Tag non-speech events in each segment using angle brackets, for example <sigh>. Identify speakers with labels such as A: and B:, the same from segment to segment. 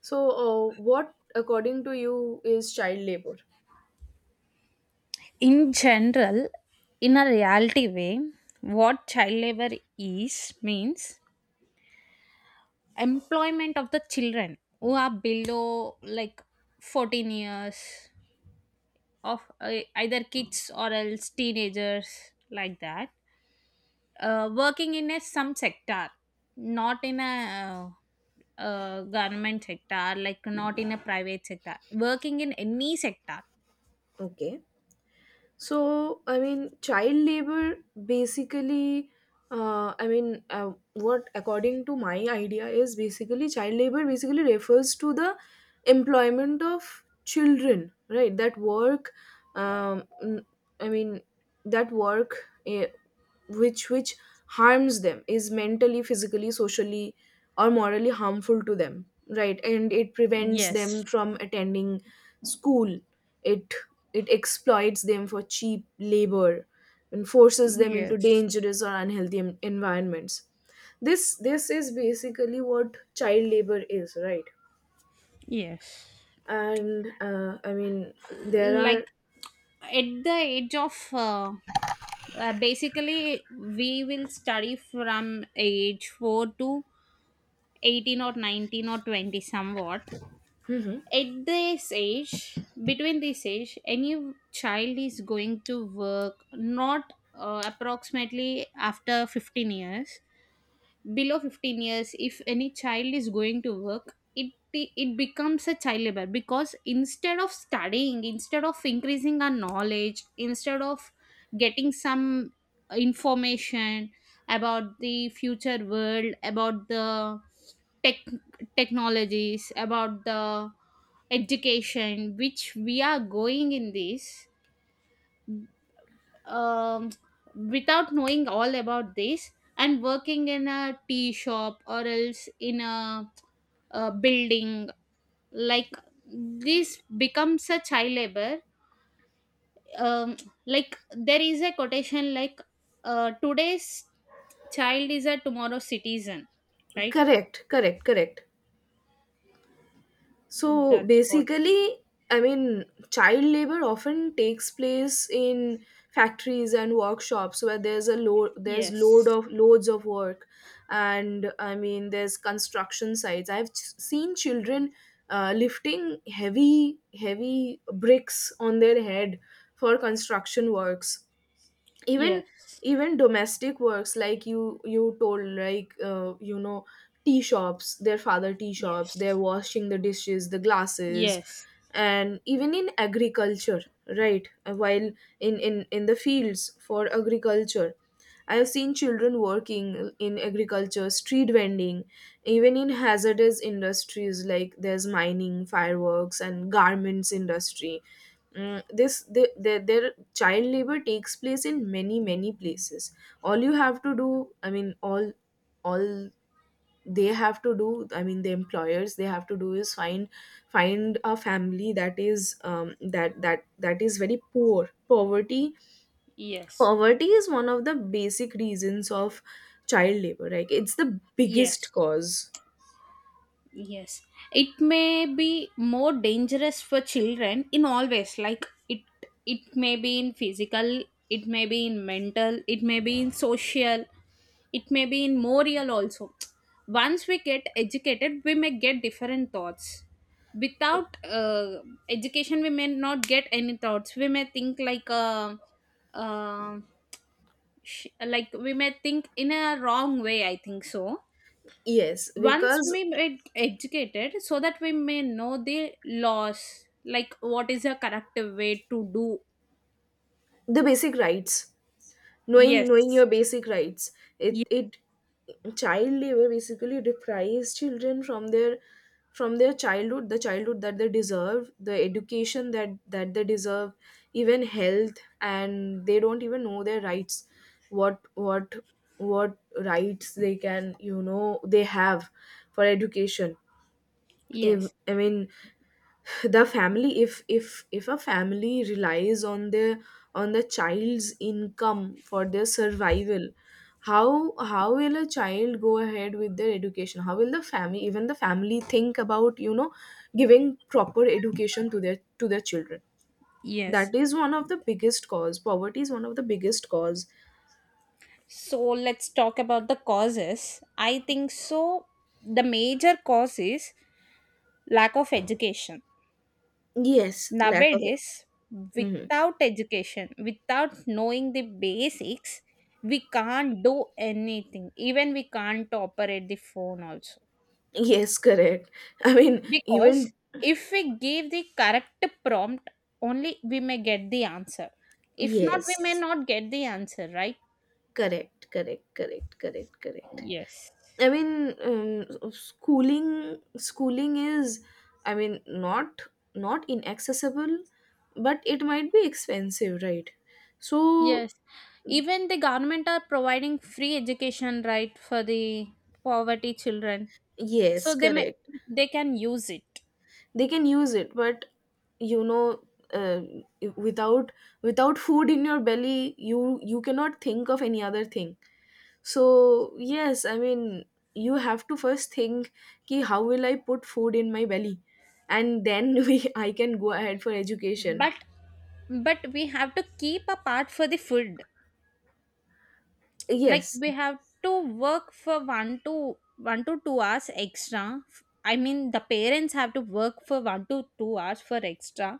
A: So, what, according to you, is child labor?
B: In general, in a reality way, what child labor is means employment of the children who are below like 14 years of either kids or else teenagers like that, working in a some sector, not in a government sector, like not in a private sector, working in any sector.
A: Okay. So, I mean, child labor basically, I mean, what according to my idea is basically child labor basically refers to the employment of children, right? That work, um, n- I mean, that work, eh, which harms them, is mentally, physically, socially, or morally harmful to them, right? And it prevents them
B: Yes.
A: from attending school. It it exploits them for cheap labor and forces them into
B: Yes.
A: dangerous or unhealthy environments. This is basically what child labor is, right?
B: Yes,
A: And I mean, there
B: like
A: are.
B: at the age of basically we will study from age 4 to 18 or 19 or 20 somewhat. At this age, between this age, any child is going to work, not approximately after 15 years. Below 15 years, if any child is going to work, it becomes a child labor, because instead of studying, instead of increasing our knowledge, instead of getting some information about the future world, about the tech technologies, about the education which we are going in this, um, without knowing all about this, and working in a tea shop or else in a building, like this becomes a child labor. um, like there is a quotation like, today's child is a tomorrow's citizen, right?
A: Correct, correct, correct. So
B: That's what.
A: basically, I mean, child labor often takes place in factories and workshops where there's a load, there's load
B: Yes.
A: of loads of work, and I mean, there's construction sites. I've seen children lifting heavy, heavy bricks on their head for construction works. even
B: Yes.
A: even domestic works, like you told, like tea shops, their father tea shops, they're
B: Yes.
A: washing the dishes, the glasses,
B: Yes.
A: and even in agriculture, right? While in the fields for agriculture, I have seen children working in agriculture, street vending, even in hazardous industries like there's mining, fireworks and garments industry. Their child labor takes place in many places. All you have to do, I mean, all all they have to do, I mean, the employers, they have to do is find a family that is, that that is very poor. Poverty,
B: Yes.
A: poverty is one of the basic reasons of child labor, like it's the biggest
B: Yes.
A: cause.
B: Yes, it may be more dangerous for children in all ways. Like it may be in physical, it may be in mental, it may be in social, it may be in moral also. Once we get educated, we may get different thoughts. Without education, we may not get any thoughts. We may think like uh, like we may think in a wrong way, I think so.
A: Yes,
B: Once
A: because
B: we get educated, so that we may know the laws, like what is a correct way to do.
A: the basic rights, knowing
B: Yes.
A: your basic rights,
B: Ye-
A: it child labor basically deprives children from their, childhood, the childhood that they deserve, the education that they deserve, even health, and they don't even know their rights. What what what rights they can, they have for education. If
B: yes.
A: I mean, the family, if a family relies on their, on the child's income for their survival, how will a child go ahead with their education? How will the family, think about, giving proper education to their, children?
B: Yes.
A: That is one of the biggest cause. Poverty is one of the biggest cause.
B: So let's talk about the causes. I think so the major cause is lack of education.
A: Yes, lack of it.
B: Nowadays,
A: Mhm.
B: without education, without knowing the basics, we can't do anything. Even we can't operate the phone also.
A: Yes, correct. I mean, even.
B: Because if we give the correct prompt, only we may get the answer. If not, we may
A: Yes,
B: not get the answer, right?
A: correct, correct, correct, correct, correct.
B: Yes.
A: I mean, schooling is, I mean, not inaccessible, but it might be expensive, right? So
B: Yes. Even the government are providing free education, right, for the poverty children.
A: yes,
B: So they may,
A: correct.
B: they can use it.
A: They can use it, but, you know, uh, without without food in your belly, you cannot think of any other thing. So yes, I mean, you have to first think, ki how will I put food in my belly, and then <laughs> we I can go ahead for education.
B: But but we have to keep a part for the food. Like
A: Yes,
B: we have to work for 1 to 1 to 2 hours extra. I mean, the parents have to work for 1 to 2 hours for extra,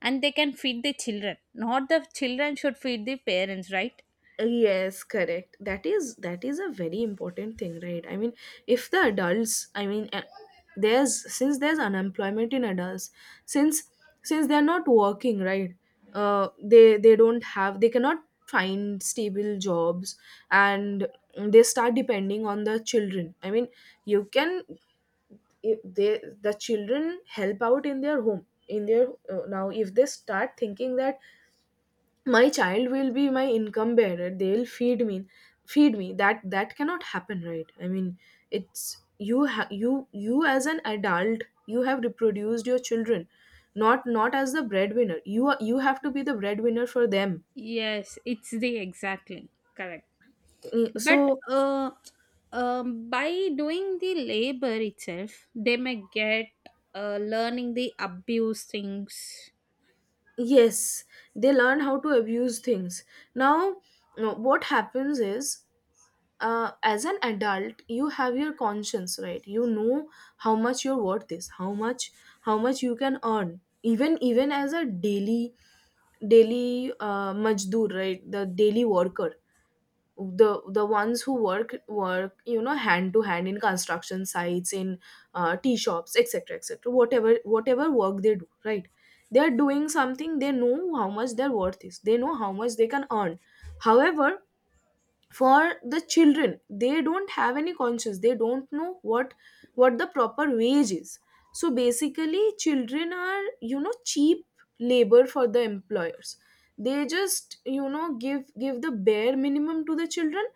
B: and they can feed the children, not the children should feed the parents, right?
A: yes, correct. That is a very important thing, right? I mean, if the adults, I mean, there's, since there's unemployment in adults, since since they're not working, right? They don't have they cannot find stable jobs, and they start depending on the children. I mean, you can, if they the children help out in their home, in their, now if they start thinking that my child will be my income bearer, they'll feed me, that cannot happen, right? I mean, it's you, as an adult, you have reproduced your children, not as the breadwinner. You have to be the breadwinner for them.
B: Yes, it's the exactly correct. But
A: So
B: uh, by doing the labor itself, they may get, learning the abuse things.
A: yes, they learn how to abuse things now. What happens is, as an adult, you have your conscience, right? You know how much your worth is, how much, you can earn, even as a daily majdoor, right, the daily worker, the ones who work, hand to hand in construction sites, in tea shops, etc., etc., whatever work they do, right. They are doing something. They know how much their worth is. They know how much they can earn. However, for the children, they don't have any conscience. They don't know what, the proper wage is. So basically, children are, cheap labor for the employers. They just, give the bare minimum to the children,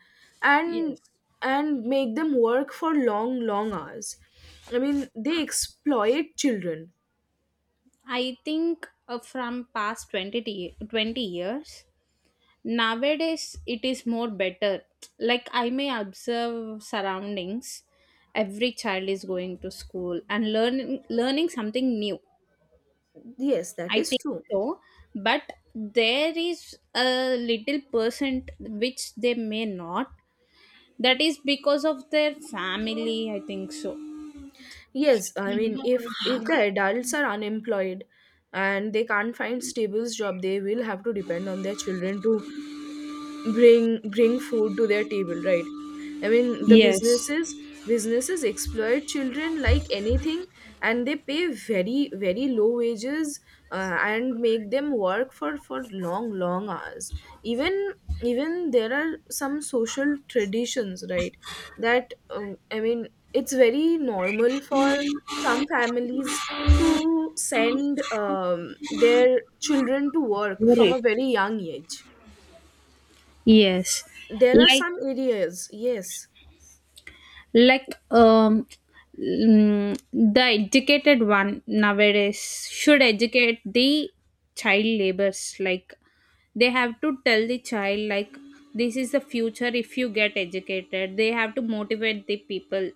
B: Yes,
A: and and make them work for long hours. I mean, they exploit children.
B: I think from past 20, 20 years, nowadays, it is more better. Like, I may observe surroundings. Every child is going to school and learning something new.
A: Yes, that
B: I
A: is
B: think
A: true.
B: so, but there is a little percent which they may not. That is because of their family, I think so.
A: Yes, I mean, if the adults are unemployed and they can't find stable job, they will have to depend on their children to bring food to their table, right? I mean, the
B: Yes.
A: businesses, exploit children like anything, and they pay very, very low wages, and make them work for long hours. Even even there are some social traditions, right, that, I mean, it's very normal for some families to send, their children to work from a
B: Right.
A: very young age.
B: Yes.
A: There are
B: Like
A: some areas, yes.
B: like, um the educated one nowadays should educate the child labors. Like they have to tell the child like, this is the future, if you get educated. They have to motivate the people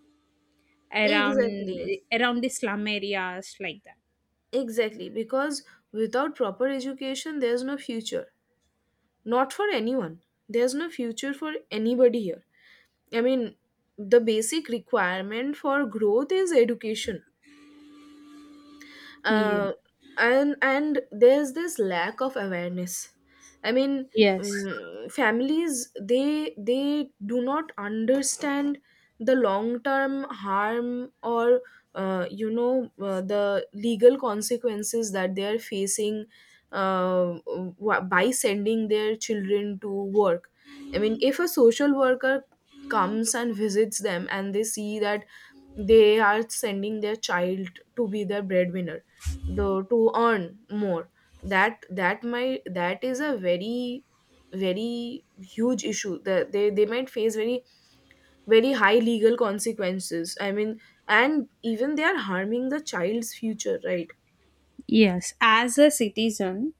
B: around,
A: Exactly,
B: around the slum areas like that.
A: exactly. Because without proper education, there's no future. Not for anyone. There's no future for anybody here. I mean, the basic requirement for growth is education.
B: Ye-
A: uh, and there's this lack of awareness. I mean,
B: yes.
A: families, they do not understand the long term harm, or, the legal consequences that they are facing, by sending their children to work. I mean, if a social worker comes and visits them and they see that they are sending their child to be their breadwinner, the to earn more, that is a very, very huge issue, that they might face very, very high legal consequences. I mean, and even they are harming the child's future, right?
B: Yes, as a citizen,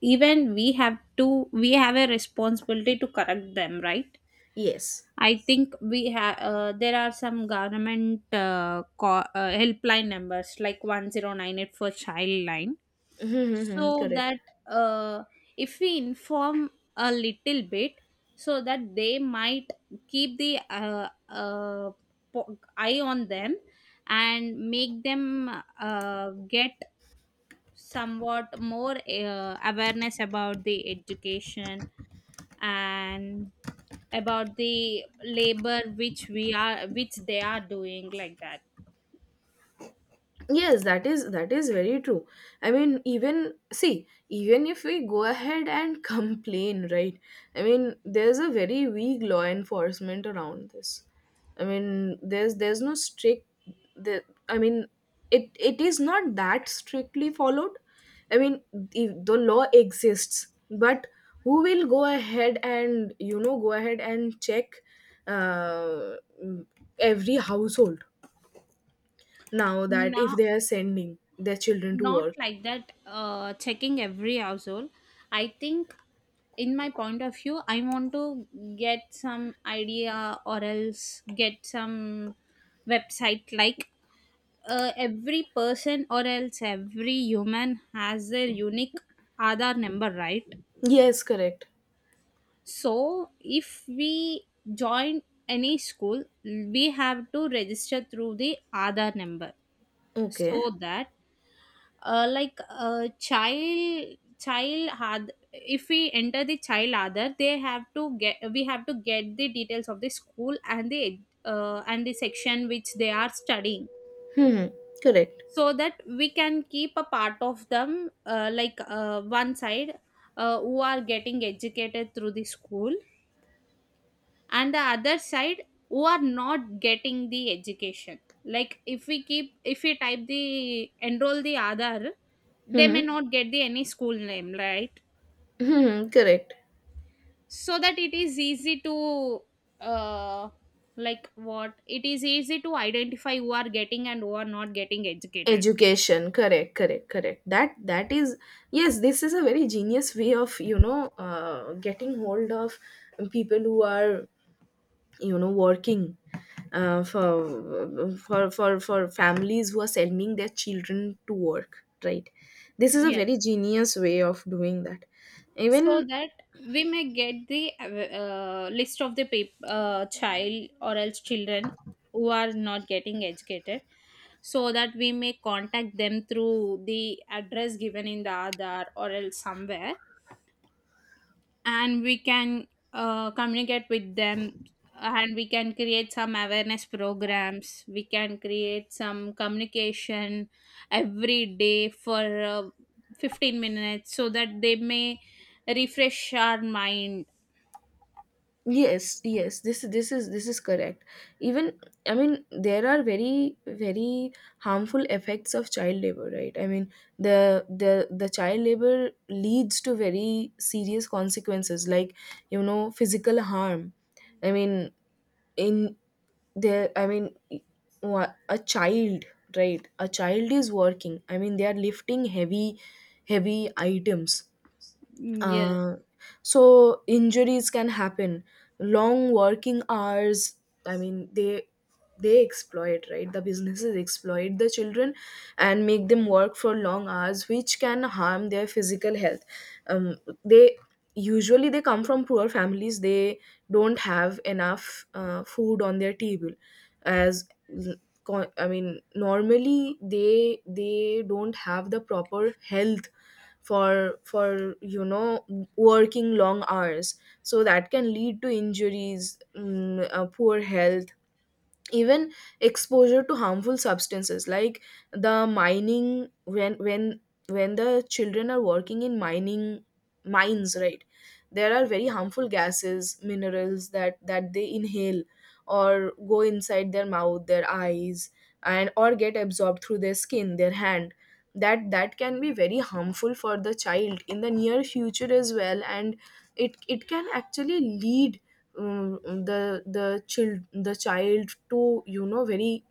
B: even we have to, we have a responsibility to correct them, right?
A: Yes.
B: I think we have, there are some government helpline numbers like 1098 for child line.
A: <laughs>
B: So
A: Correct.
B: that, uh, if we inform a little bit, so that they might keep the eye on them, and make them get somewhat more awareness about the education and about the labor which we are which they are doing, like that.
A: Yes, that is very true. I mean, even see, even if we go ahead and <laughs> complain, right? I mean, there's a very weak law enforcement around this. I mean, there's no strict, the I mean, it is not that strictly followed. I mean, the law exists, but who will go ahead and check uh, every household now, that if
B: Now,
A: they are sending their children to
B: not
A: work.
B: like that, checking every household. I think, in my point of view, I want to get some idea, or else get some website, like every person or else every human has their unique Aadhaar number, right?
A: Yes, correct.
B: So, if we join any school, we have to register through the Aadhaar number,
A: Okay.
B: so that, like a child, child had, if we enter the child Aadhaar, they have to get, we have to get the details of the school and the and the section which they are studying.
A: Hmm. Correct.
B: So that we can keep a part of them, like, one side, who are getting educated through the school, and the other side who are not getting the education. Like if we keep, if we type, the enroll the other, they
A: Hmm.
B: may not get the any school name, right?
A: Hmm. Correct.
B: So that it is easy to, uh like what, it is easy to identify who are getting and who are not getting educated.
A: Education, correct, correct, correct. That is, yes, this is a very genius way of, getting hold of people who are, working, for families who are sending their children to work, right. This is a
B: Yes.
A: very genius way of doing that.
B: So
A: Even,
B: that we may get the list of the child or else children who are not getting educated, so that we may contact them through the address given in the Aadhaar or else somewhere, and we can communicate with them, and we can create some awareness programs, we can create some communication every day for 15 minutes, so that they may refresh our mind.
A: yes, yes, this is correct. Even, I mean, there are very, very harmful effects of child labor, right? I mean, the child labor leads to very serious consequences, like, physical harm. I mean, in there, I mean, a child, right, a child is working. I mean, they are lifting heavy, heavy items.
B: Yes.
A: uh, so injuries can happen, long working hours. I mean, they exploit, right, the businesses exploit the children and make them work for long hours, which can harm their physical health. um, they Usually they come from poor families. They don't have enough food on their table. As, I mean, normally, they don't have the proper health for working long hours, so that can lead to injuries, poor health. Even exposure to harmful substances, like the mining, when, the children are working in mining mines, right? There are very harmful gases, minerals, that they inhale, or go inside their mouth, their eyes, and or get absorbed through their skin, their hand. That can be very harmful for the child in the near future as well, and it can actually lead, um, the child, to, very,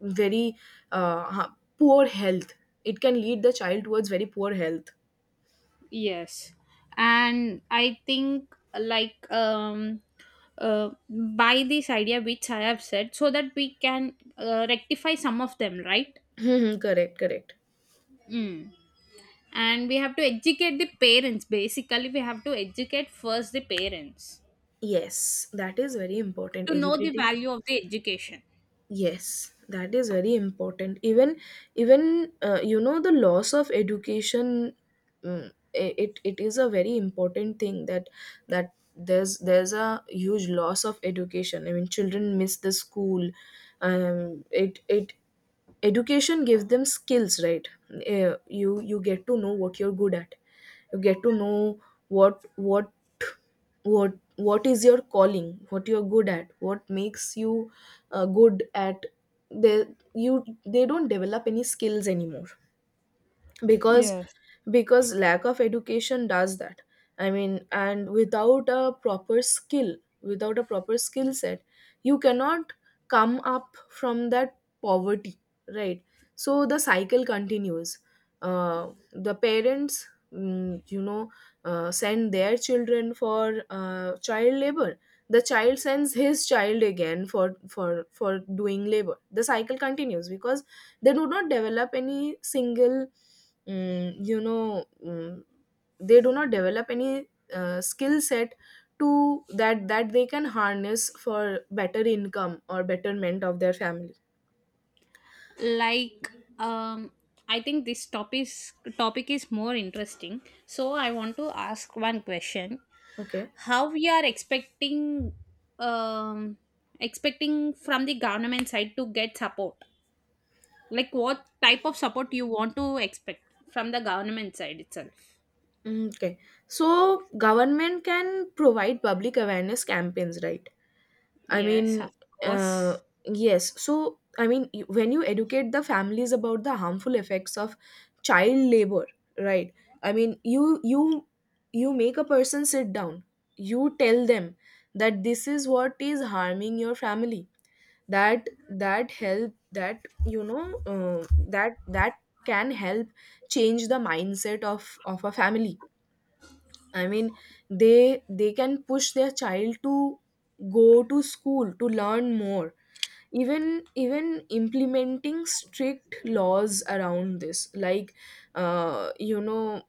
A: very, poor health. It can lead the child towards very poor health.
B: Yes, and I think like, uh, by this idea which I have said, so that we can rectify some of them, right?
A: <laughs> Correct, correct.
B: Mm. And we have to educate the parents, basically we have to educate first the parents
A: Yes, that is very important,
B: to know the
A: educating.
B: value of the education.
A: Yes, that is very important. Even the loss of education, mm, it is a very important thing, that there's a huge loss of education. I mean, children miss the school. It it Education gives them skills, right? You get to know what you're good at. You get to know what what is your calling, what you're good at, what makes you good at. They you they don't develop any skills anymore because
B: Yes.
A: because lack of education does that. I mean, and without a proper skill, without a proper skill set, you cannot come up from that poverty, right? So the cycle continues. The parents, you know, send their children for child labor. The child sends his child again for doing labor. The cycle continues because they do not develop any single mm, you know mm, they do not develop any skill set to that that they can harness for better income or betterment of their family.
B: Like, um I think this topic is more interesting, so I want to ask one question.
A: Okay.
B: How we are expecting, um expecting from the government side to get support, like what type of support you want to expect from the government side itself?
A: Okay, so government can provide public awareness campaigns, right? I
B: Yes,
A: mean,
B: of
A: uh,
B: course.
A: yes. So, I mean, when you educate the families about the harmful effects of child labor, right? I mean, you you make a person sit down. You tell them that this is what is harming your family. That that help that you know uh, that that can help change the mindset of a family. I mean, they can push their child to go to school, to learn more. Even implementing strict laws around this, like, uh, you know,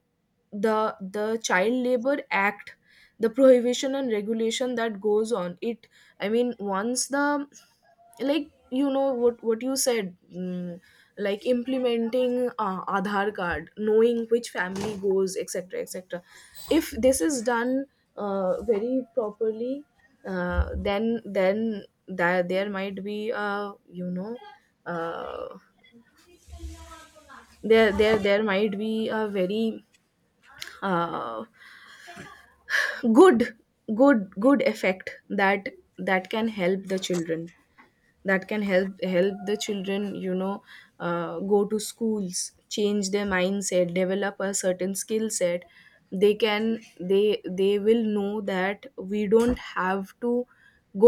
A: the child labor act, the prohibition and regulation that goes on it. I mean, once the, like, you know, what you said, like implementing aadhaar card, knowing which family goes, etc., etc. If this is done very properly, then that, there might be, uh, there there might be a very, uh, good, good effect that can help the children, that can help the children, you know, go to schools, change their mindset, develop a certain skill set. They can, they will know that we don't have to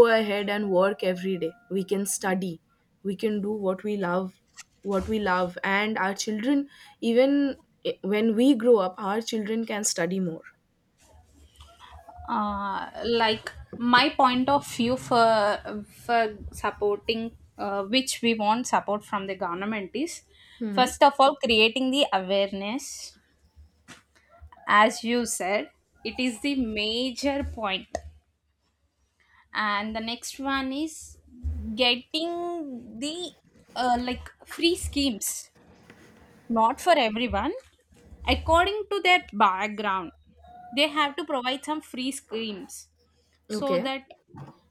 A: go ahead and work every day, we can study, we can do what we love, and our children, even, when we grow up, our children can study more.
B: Like, my point of view for supporting, which we want support from the government is,
A: Hmm.
B: first of all, creating the awareness, as you said, it is the major point. And the next one is getting the like free schemes, not for everyone, according to their background, they have to provide some free schemes, so
A: Okay.
B: that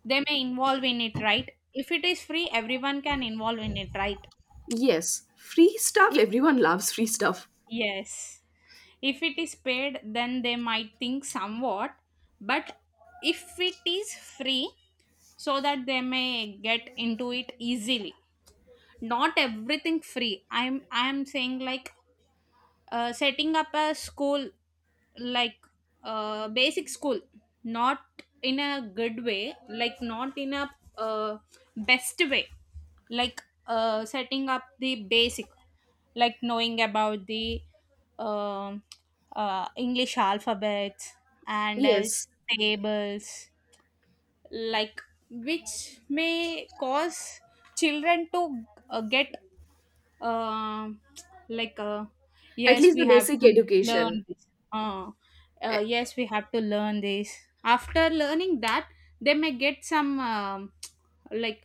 B: they may involve in it, right? If it is free, everyone can involve in it, right?
A: Yes, free stuff.
B: if
A: Everyone loves free stuff.
B: Yes, if it is paid, then they might think somewhat, but if it is free, so that they may get into it easily. Not everything free, I'm saying like, setting up a school, like, basic school, not in a good way, like not in a uh, best way, like, setting up the basic, like knowing about the, um english alphabets and
A: Yes,
B: else tables, like which may cause children to get, um like,
A: at
B: yes
A: least
B: we
A: the
B: have
A: basic
B: to learn
A: education.
B: this, uh,
A: Eh,
B: yes we have to learn this. After learning that, they may get some, like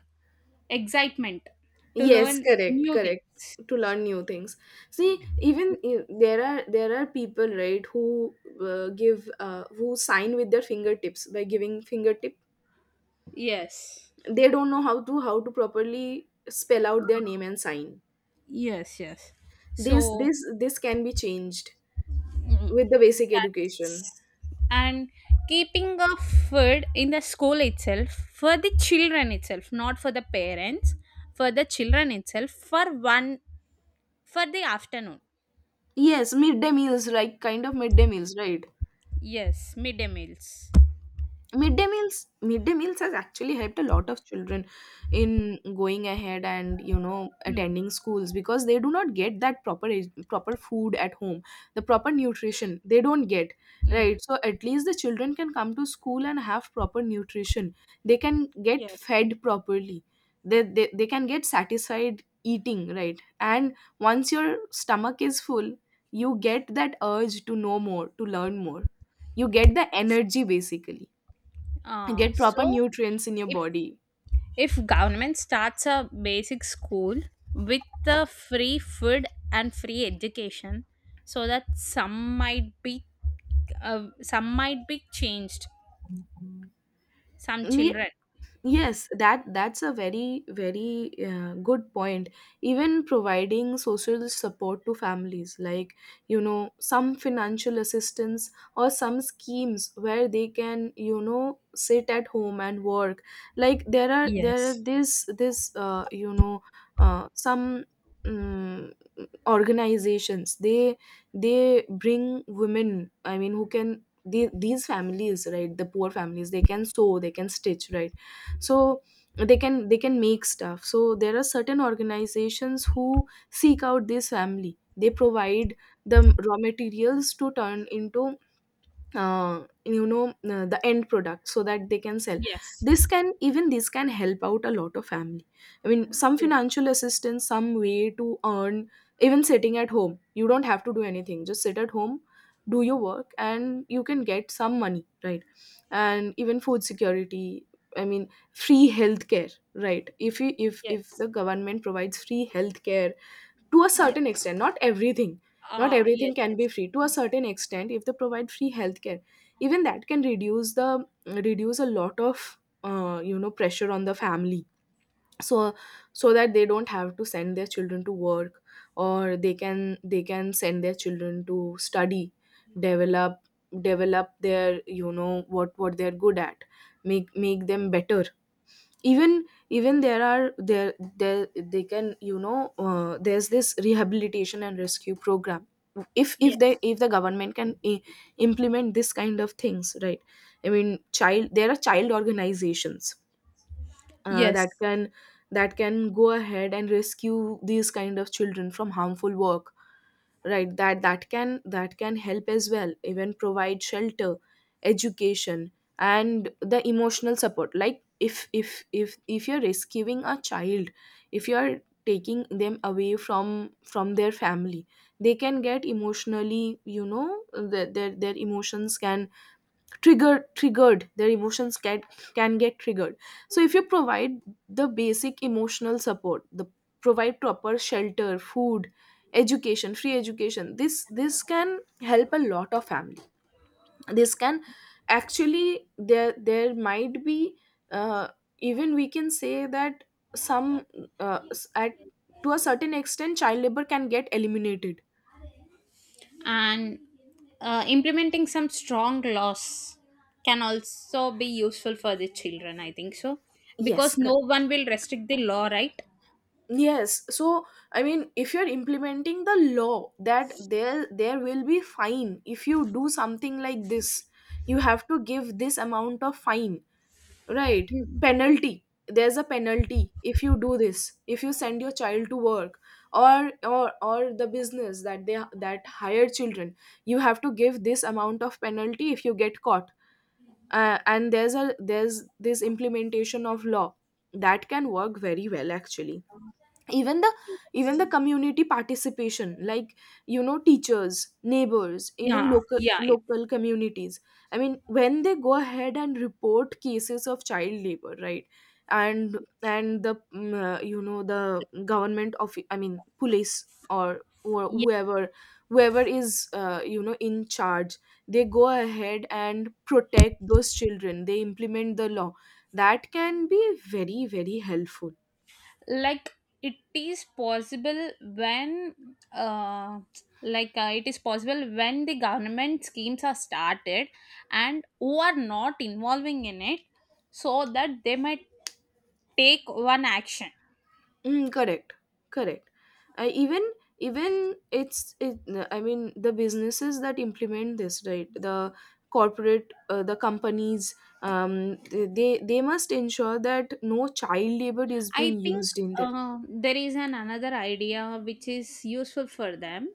B: excitement to
A: Yes,
B: learn
A: correct,
B: new
A: correct.
B: things.
A: To learn new things. See, even, there are, there are people, right, who give who sign with their fingertips, by giving fingertip.
B: Yes.
A: They don't know how to, properly spell out their name and sign.
B: Yes. Yes.
A: This
B: So.
A: this this can be changed
B: Mm.
A: with the basic education.
B: That's. And keeping of food in the school itself for the children itself, not for the parents, for the children itself, for one, for the afternoon.
A: Yes, midday meals, like kind of midday meals, right?
B: Yes, midday meals.
A: Midday meals, midday meals has actually helped a lot of children in going ahead and, you know,
B: Mm,
A: attending schools, because they do not get that proper proper food at home, the proper nutrition they don't get,
B: mm.
A: right? So at least the children can come to school and have proper nutrition, they can get
B: Yes.
A: fed properly. They can get satisfied eating, right? And once your stomach is full, you get that urge to know more, to learn more. You get the energy, basically, get proper
B: So
A: nutrients in your
B: if
A: body.
B: if government starts a basic school with the free food and free education, so that some might be, some might be changed, some
A: Ye-
B: children.
A: yes, that's a very very good point. Even providing social support to families, like, you know, some financial assistance or some schemes where they can, you know, sit at home and work. Like, there are
B: Yes.
A: this some mm, organizations, they bring women, I mean, who can the, these families, right, the poor families, they can sew, they can stitch, right? So they can, make stuff. So there are certain organizations who seek out this family, they provide the raw materials to turn into the end product, so that they can sell.
B: Yes.
A: This can even, this can help out a lot of family. I mean, some
B: Yes.
A: financial assistance, some way to earn. Even sitting at home, you don't have to do anything, just sit at home, do your work, and you can get some money, right? And even food security. I mean, free healthcare, right? If you, if the
B: Yes.
A: government provides free healthcare, to a
B: Yes.
A: certain extent, not everything. Not
B: Ah,
A: everything
B: yes,
A: can
B: yes.
A: be free, to a certain extent, if they provide free healthcare, even that can reduce the, reduce a lot of pressure on the family. So, that they don't have to send their children to work, or they can, send their children to study, develop, their, you know, what they're good at, make, them better. Even, there are, there they can, you know, there's this rehabilitation and rescue program. If, they,
B: Yes.
A: if the government can, implement this kind of things, right? I mean, child, there are child organizations
B: Yes.
A: that can, go ahead and rescue these kind of children from harmful work, right? That can, help as well. Even provide shelter, education, and the emotional support. Like, if you're rescuing a child, if you're taking them away from, their family, they can get emotionally, you know, their, their emotions can triggered, their emotions can, get triggered. So if you provide the basic emotional support, the, provide proper shelter, food, education, free education, this can help a lot of family. This can, actually, there might be, uh, even we can say that some, s- at to a certain extent, child labor can get eliminated.
B: And implementing some strong laws can also be useful for the children, I think so,
A: Yes.
B: because no one will restrict the law, right?
A: Yes, so, I mean, if you're implementing the law that, there will be fine if you do something like this, you have to give this amount of fine, right? Penalty. There's a penalty if you do this. If you send your child to work, or the business that they that hire children, you have to give this amount of penalty if you get caught. And there's a, there's this implementation of law that can work very well, actually. Even the,
B: Yes.
A: community participation, like, you know, teachers, neighbors, even
B: Yeah.
A: local
B: Yeah.
A: local communities. I mean, when they go ahead and report cases of child labor, right? And, the, the government, of I mean, police or
B: Yeah.
A: whoever, whoever is, in charge, they go ahead and protect those children, they implement the law. That can be very very helpful.
B: Like, it is possible when, uh, like, it is possible when the government schemes are started, and who are not involving in it, so that they might take one action.
A: Correct, correct. I even, even it's it, I mean, the businesses that implement this, right, the corporate, the companies, they, must ensure that no child labor is
B: I
A: being
B: think,
A: used in there.
B: there is an another idea which is useful for them.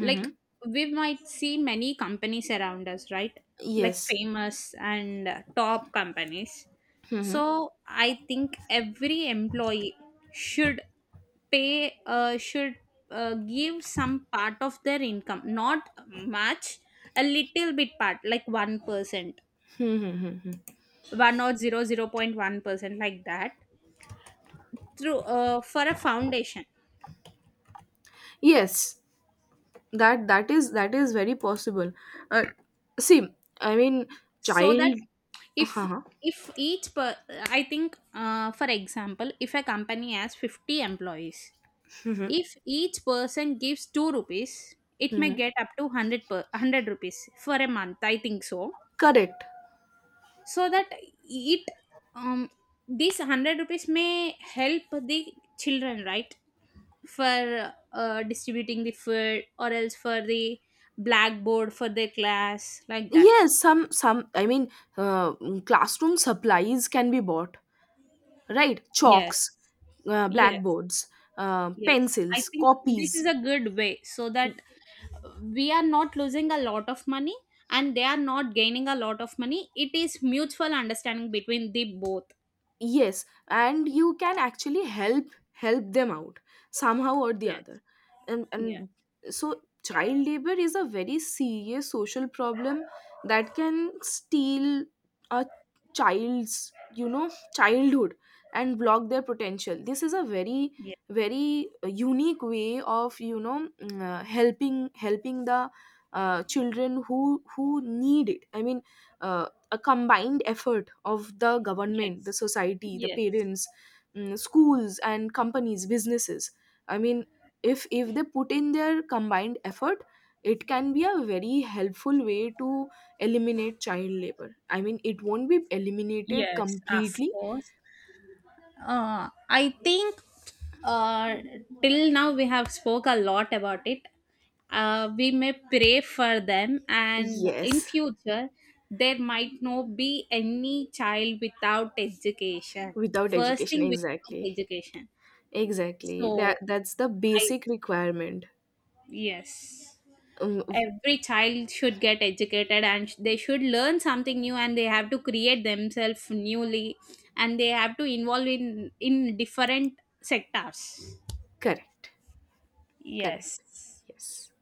B: Like, we might see many companies around us, right? Like
A: Yes.
B: famous and top companies.
A: Hmm.
B: So I think every employee should pay, should, give some part of their income, not much, a little bit part, like 1%,
A: Mm-hmm.
B: 1 or 0 0. 1%, like that, through for a foundation,
A: Yes, that is, very possible. Uh, see, I mean,
B: so that,
A: child.
B: if
A: Uh-huh.
B: if each per, I think, for example, if a company has 50 employees,
A: Hmm.
B: if each person gives 2 rupees, it may
A: Hmm.
B: get up to 100, per 100 rupees for a month, I think so.
A: Correct.
B: So that it, um this 100 rupees may help the children, right? For distributing the food or else for the blackboard for their class, like that.
A: Yes, some, I mean, uh, classroom supplies can be bought, right?
B: Yes.
A: Chalks,
B: Yes.
A: blackboards,
B: Yes, I
A: pencils,
B: think this
A: copies,
B: is a good way, so that we are not losing a lot of money and they are not gaining a lot of money. It is mutual understanding between the both.
A: yes, and you can actually help, them out somehow or the
B: Yes,
A: other.
B: yes,
A: And So child labor is a very serious social problem that can steal a child's, you know, childhood, and block their potential. This is a very
B: yes,
A: very unique way of, you know, helping, the children who, need it. I mean, uh, a combined effort of the government, the
B: yes,
A: society, the
B: yes,
A: parents, schools, and companies, businesses. I mean, if, they put in their combined effort, it can be a very helpful way to eliminate child labor. I mean, it won't be eliminated
B: yes, of
A: completely.
B: course. I think, uh, till now we have spoke a lot about it. We may pray for them, and in
A: Yes,
B: future there might not be any child without education.
A: without
B: First
A: education,
B: thing, without
A: exactly,
B: education.
A: exactly.
B: So
A: That's the
B: I,
A: basic requirement.
B: yes,
A: Um,
B: every child should get educated, and they should learn something new, and they have to create themselves newly, and they have to involve in different sectors.
A: Correct, correct.
B: Yes.
A: Yes.